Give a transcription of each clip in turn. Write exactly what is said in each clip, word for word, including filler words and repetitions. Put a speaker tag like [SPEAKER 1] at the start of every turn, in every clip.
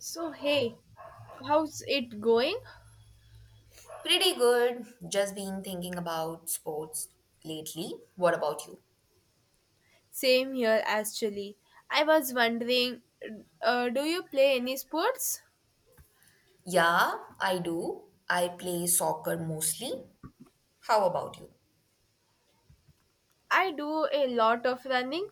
[SPEAKER 1] So, hey, how's it going?
[SPEAKER 2] Pretty good. Just been thinking about sports lately. What about you?
[SPEAKER 1] Same here, actually. I was wondering, uh, do you play any sports?
[SPEAKER 2] Yeah, I do. I play soccer mostly. How about you?
[SPEAKER 1] I do a lot of running.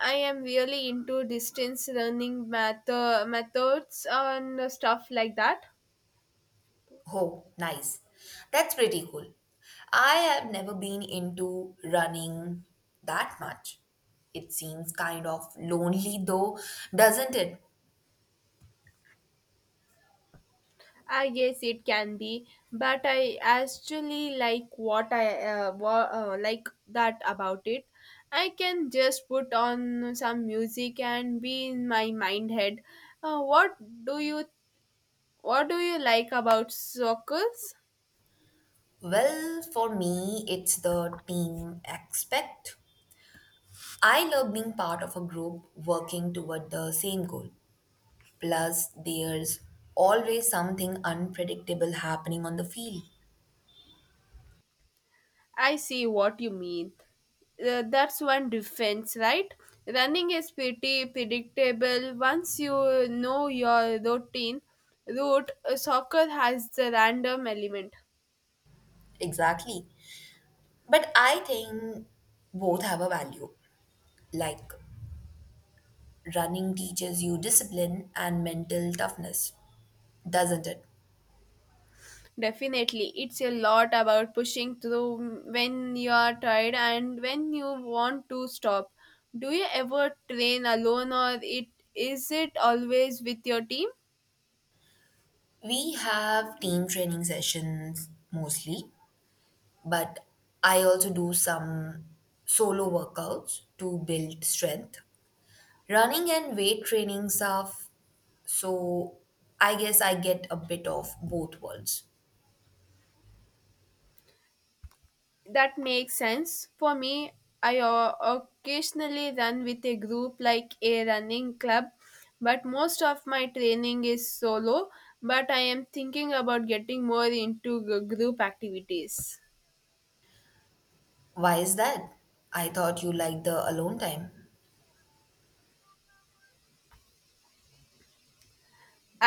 [SPEAKER 1] I am really into distance running math- methods and stuff like that.
[SPEAKER 2] Oh, nice. That's pretty cool. I have never been into running that much. It seems kind of lonely though, doesn't it?
[SPEAKER 1] I guess it can be, but I actually like what I uh, wa- uh, like that about it. I can just put on some music and be in my mind head. Uh, what do you what do you like about circles?
[SPEAKER 2] Well, for me, it's the team aspect. I love being part of a group working toward the same goal. Plus, there's always something unpredictable happening on the field.
[SPEAKER 1] I see what you mean. Uh, that's one difference, right? Running is pretty predictable once you know your routine. Route uh, Soccer has the random element.
[SPEAKER 2] Exactly. But I think both have a value. Like, running teaches you discipline and mental toughness, doesn't it?
[SPEAKER 1] Definitely, it's a lot about pushing through when you are tired and when you want to stop. Do you ever train alone or it is it always with your team?
[SPEAKER 2] We have team training sessions mostly, but I also do some solo workouts to build strength. Running and weight training stuff, so I guess I get a bit of both worlds.
[SPEAKER 1] That makes sense. For me, I o- occasionally run with a group like a running club, but most of my training is solo, but I am thinking about getting more into g- group activities.
[SPEAKER 2] Why is that? I thought you liked the alone time.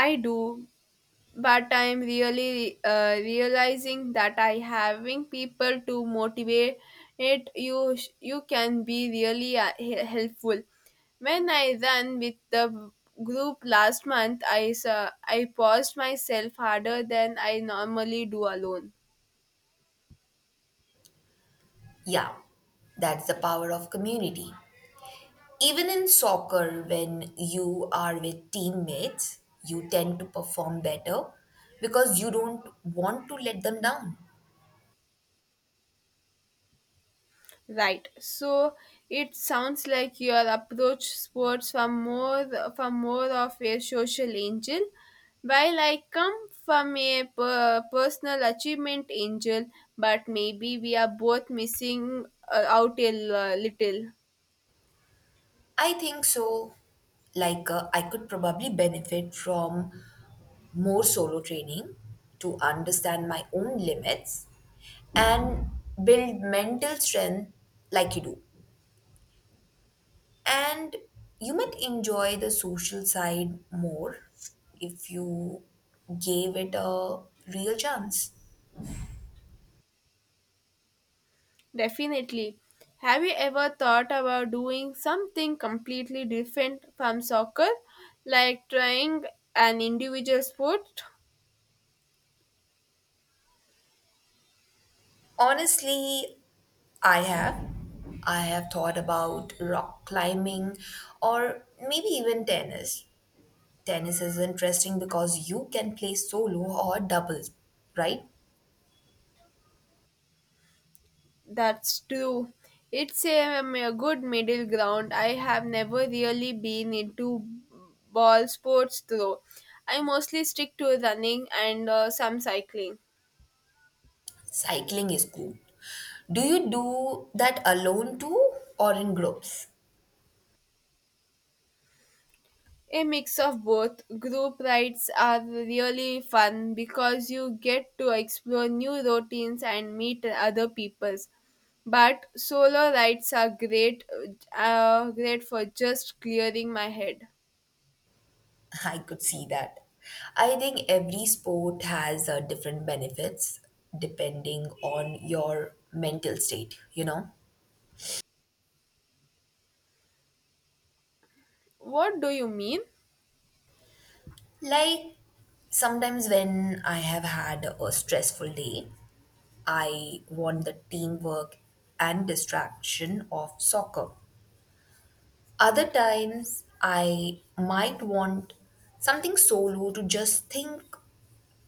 [SPEAKER 1] I do. But I'm really uh, realizing that I having people to motivate it you You can be really uh, he- helpful when I ran with the group last month. I saw I paused myself harder than I normally do alone.
[SPEAKER 2] Yeah, that's the power of community. Even in soccer, when you are with teammates, you tend to perform better because you don't want to let them down.
[SPEAKER 1] Right. So it sounds like your approach sports from more from more of a social angel, while I come from a per- personal achievement angel. But maybe we are both missing uh, out a l- little.
[SPEAKER 2] I think so. Like, uh, I could probably benefit from more solo training to understand my own limits and build mental strength like you do. And you might enjoy the social side more if you gave it a real chance.
[SPEAKER 1] Definitely. Have you ever thought about doing something completely different from soccer, like trying an individual sport?
[SPEAKER 2] Honestly, I have. I have thought about rock climbing or maybe even tennis. Tennis is interesting because you can play solo or doubles, right?
[SPEAKER 1] That's true. It's a, um, a good middle ground. I have never really been into ball sports though. I mostly stick to running and uh, some cycling.
[SPEAKER 2] Cycling is cool. Do you do that alone too or in groups?
[SPEAKER 1] A mix of both. Group rides are really fun because you get to explore new routines and meet other peoples. But solo rides are great, uh, great for just clearing my head.
[SPEAKER 2] I could see that. I think every sport has uh, different benefits depending on your mental state, you know?
[SPEAKER 1] What do you mean?
[SPEAKER 2] Like sometimes when I have had a stressful day, I want the teamwork and distraction of soccer. Other times, I might want something solo to just think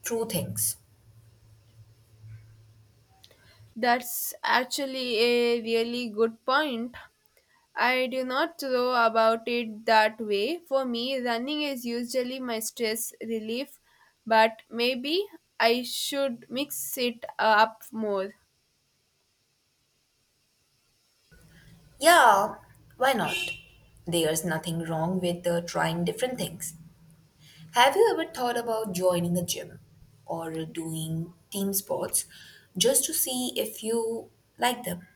[SPEAKER 2] through things.
[SPEAKER 1] That's actually a really good point. I do not know about it that way. For me, running is usually my stress relief, but maybe I should mix it up more.
[SPEAKER 2] Yeah, why not? There's nothing wrong with uh, trying different things. Have you ever thought about joining a gym or doing team sports just to see if you like them?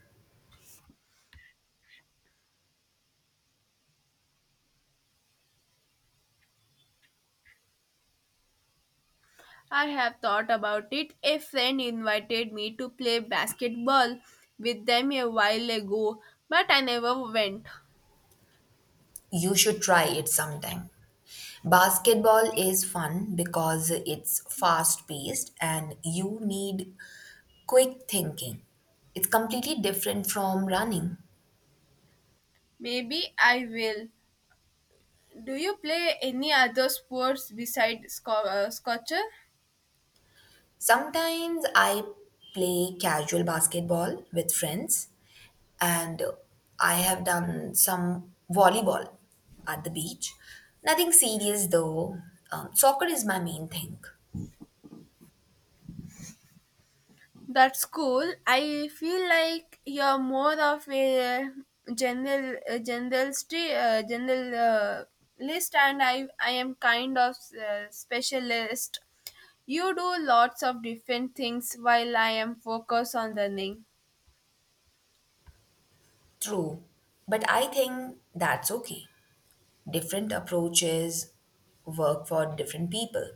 [SPEAKER 1] I have thought about it. A friend invited me to play basketball with them a while ago, but I never went.
[SPEAKER 2] You should try it sometime. Basketball is fun because it's fast paced and you need quick thinking. It's completely different from running.
[SPEAKER 1] Maybe I will. Do you play any other sports besides sco- uh, soccer?
[SPEAKER 2] Sometimes I play casual basketball with friends and I have done some volleyball at the beach. Nothing serious though. Um, soccer is my main thing.
[SPEAKER 1] That's cool. I feel like you're more of a general a generalist, uh, general uh, list, and I I am kind of uh, specialist. You do lots of different things while I am focused on learning.
[SPEAKER 2] True, but I think that's okay. Different approaches work for different people.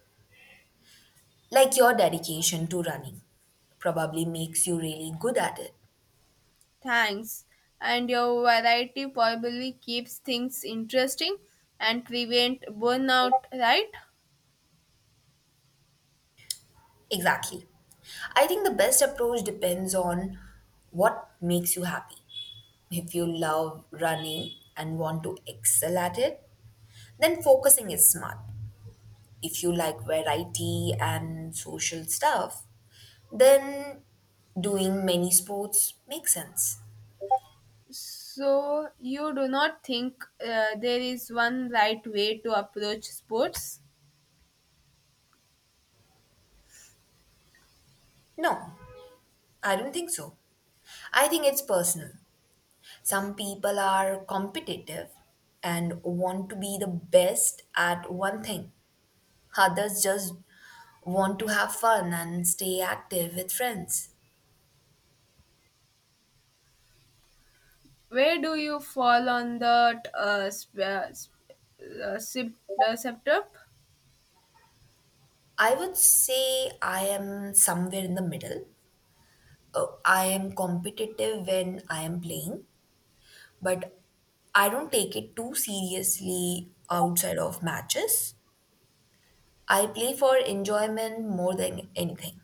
[SPEAKER 2] Like your dedication to running probably makes you really good at it.
[SPEAKER 1] Thanks, and your variety probably keeps things interesting and prevent burnout, right?
[SPEAKER 2] Exactly. I think the best approach depends on what makes you happy. If you love running and want to excel at it, then focusing is smart. If you like variety and social stuff, then doing many sports makes sense.
[SPEAKER 1] So, you do not think uh, there is one right way to approach sports?
[SPEAKER 2] No, I don't think so. I think it's personal. Some people are competitive and want to be the best at one thing. Others just want to have fun and stay active with friends.
[SPEAKER 1] Where do you fall on the uh, sp- uh, sp- uh, sep- uh, septum?
[SPEAKER 2] I would say I am somewhere in the middle. Uh, I am competitive when I am playing, but I don't take it too seriously outside of matches. I play for enjoyment more than anything,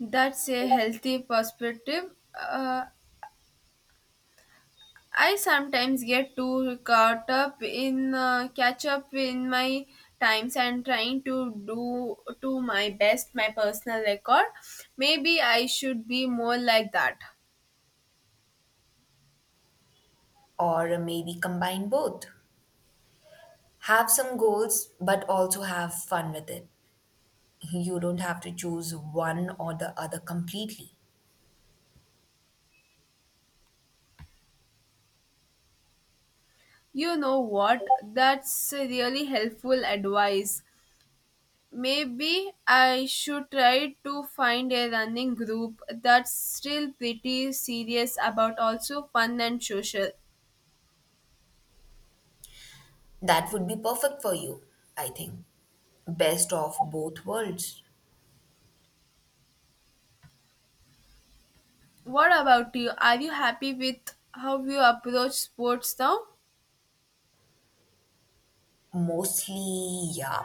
[SPEAKER 1] That's a healthy perspective. Uh, I sometimes get too caught up in uh, catch up in my times and trying to do to my best my personal record. Maybe I should be more like that.
[SPEAKER 2] or maybe combine both. Have some goals, but also have fun with it. You don't have to choose one or the other completely.
[SPEAKER 1] You know what? That's a really helpful advice. Maybe I should try to find a running group that's still pretty serious about also fun and social.
[SPEAKER 2] That would be perfect for you, I think. Best of both worlds.
[SPEAKER 1] What about you? Are you happy with how you approach sports now?
[SPEAKER 2] Mostly, yeah.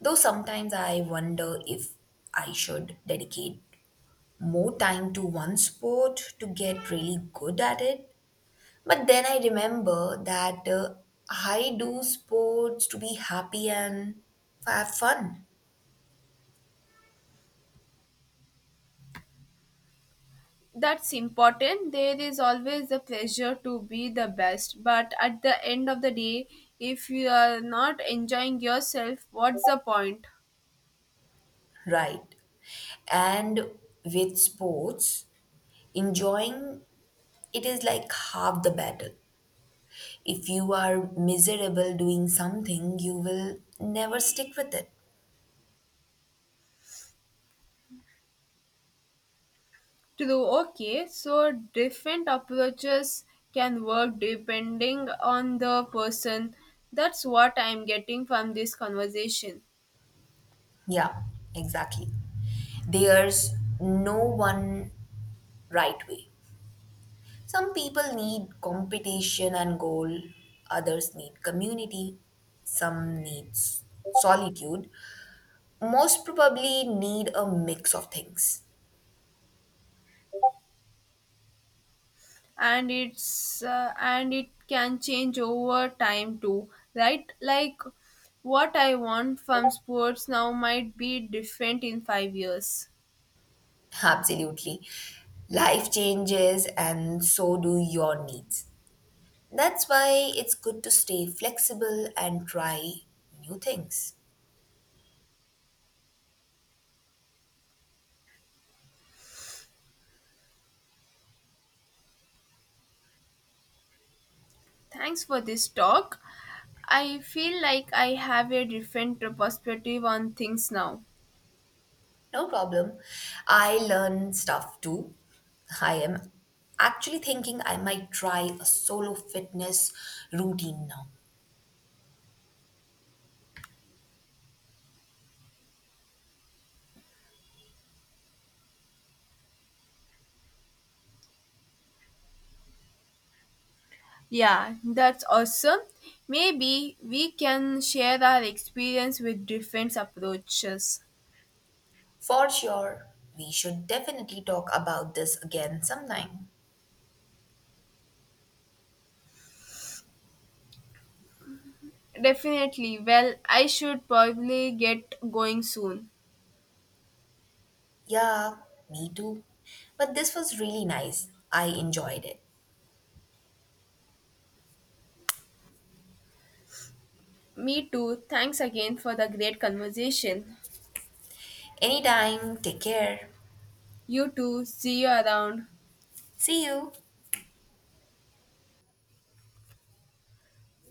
[SPEAKER 2] Though sometimes I wonder if I should dedicate more time to one sport to get really good at it. But then I remember that uh, I do sports to be happy and have fun,
[SPEAKER 1] That's important. There is always the pressure to be the best, but at the end of the day, if you are not enjoying yourself, what's the point?
[SPEAKER 2] right? And with sports, enjoying it is like half the battle. If you are miserable doing something, you will never stick with it.
[SPEAKER 1] True, okay. So different approaches can work depending on the person. That's what I'm getting from this conversation.
[SPEAKER 2] Yeah, exactly. There's no one right way. Some people need competition and goal, others need community, some needs solitude. Most probably need a mix of things.
[SPEAKER 1] And it's uh, and it can change over time too, right? Like what I want from sports now might be different in five years.
[SPEAKER 2] Absolutely. Life changes, and so do your needs. That's why it's good to stay flexible and try new things.
[SPEAKER 1] Thanks for this talk. I feel like I have a different perspective on things now.
[SPEAKER 2] No problem. I learn stuff too. I am actually thinking I might try a solo fitness routine now.
[SPEAKER 1] Yeah, that's awesome. Maybe we can share our experience with different approaches.
[SPEAKER 2] For sure, we should definitely talk about this again sometime.
[SPEAKER 1] Definitely. Well, I should probably get going soon.
[SPEAKER 2] Yeah, me too. But this was really nice. I enjoyed it.
[SPEAKER 1] Me too. Thanks again for the great conversation.
[SPEAKER 2] Anytime, take care.
[SPEAKER 1] You too. See you around.
[SPEAKER 2] See you.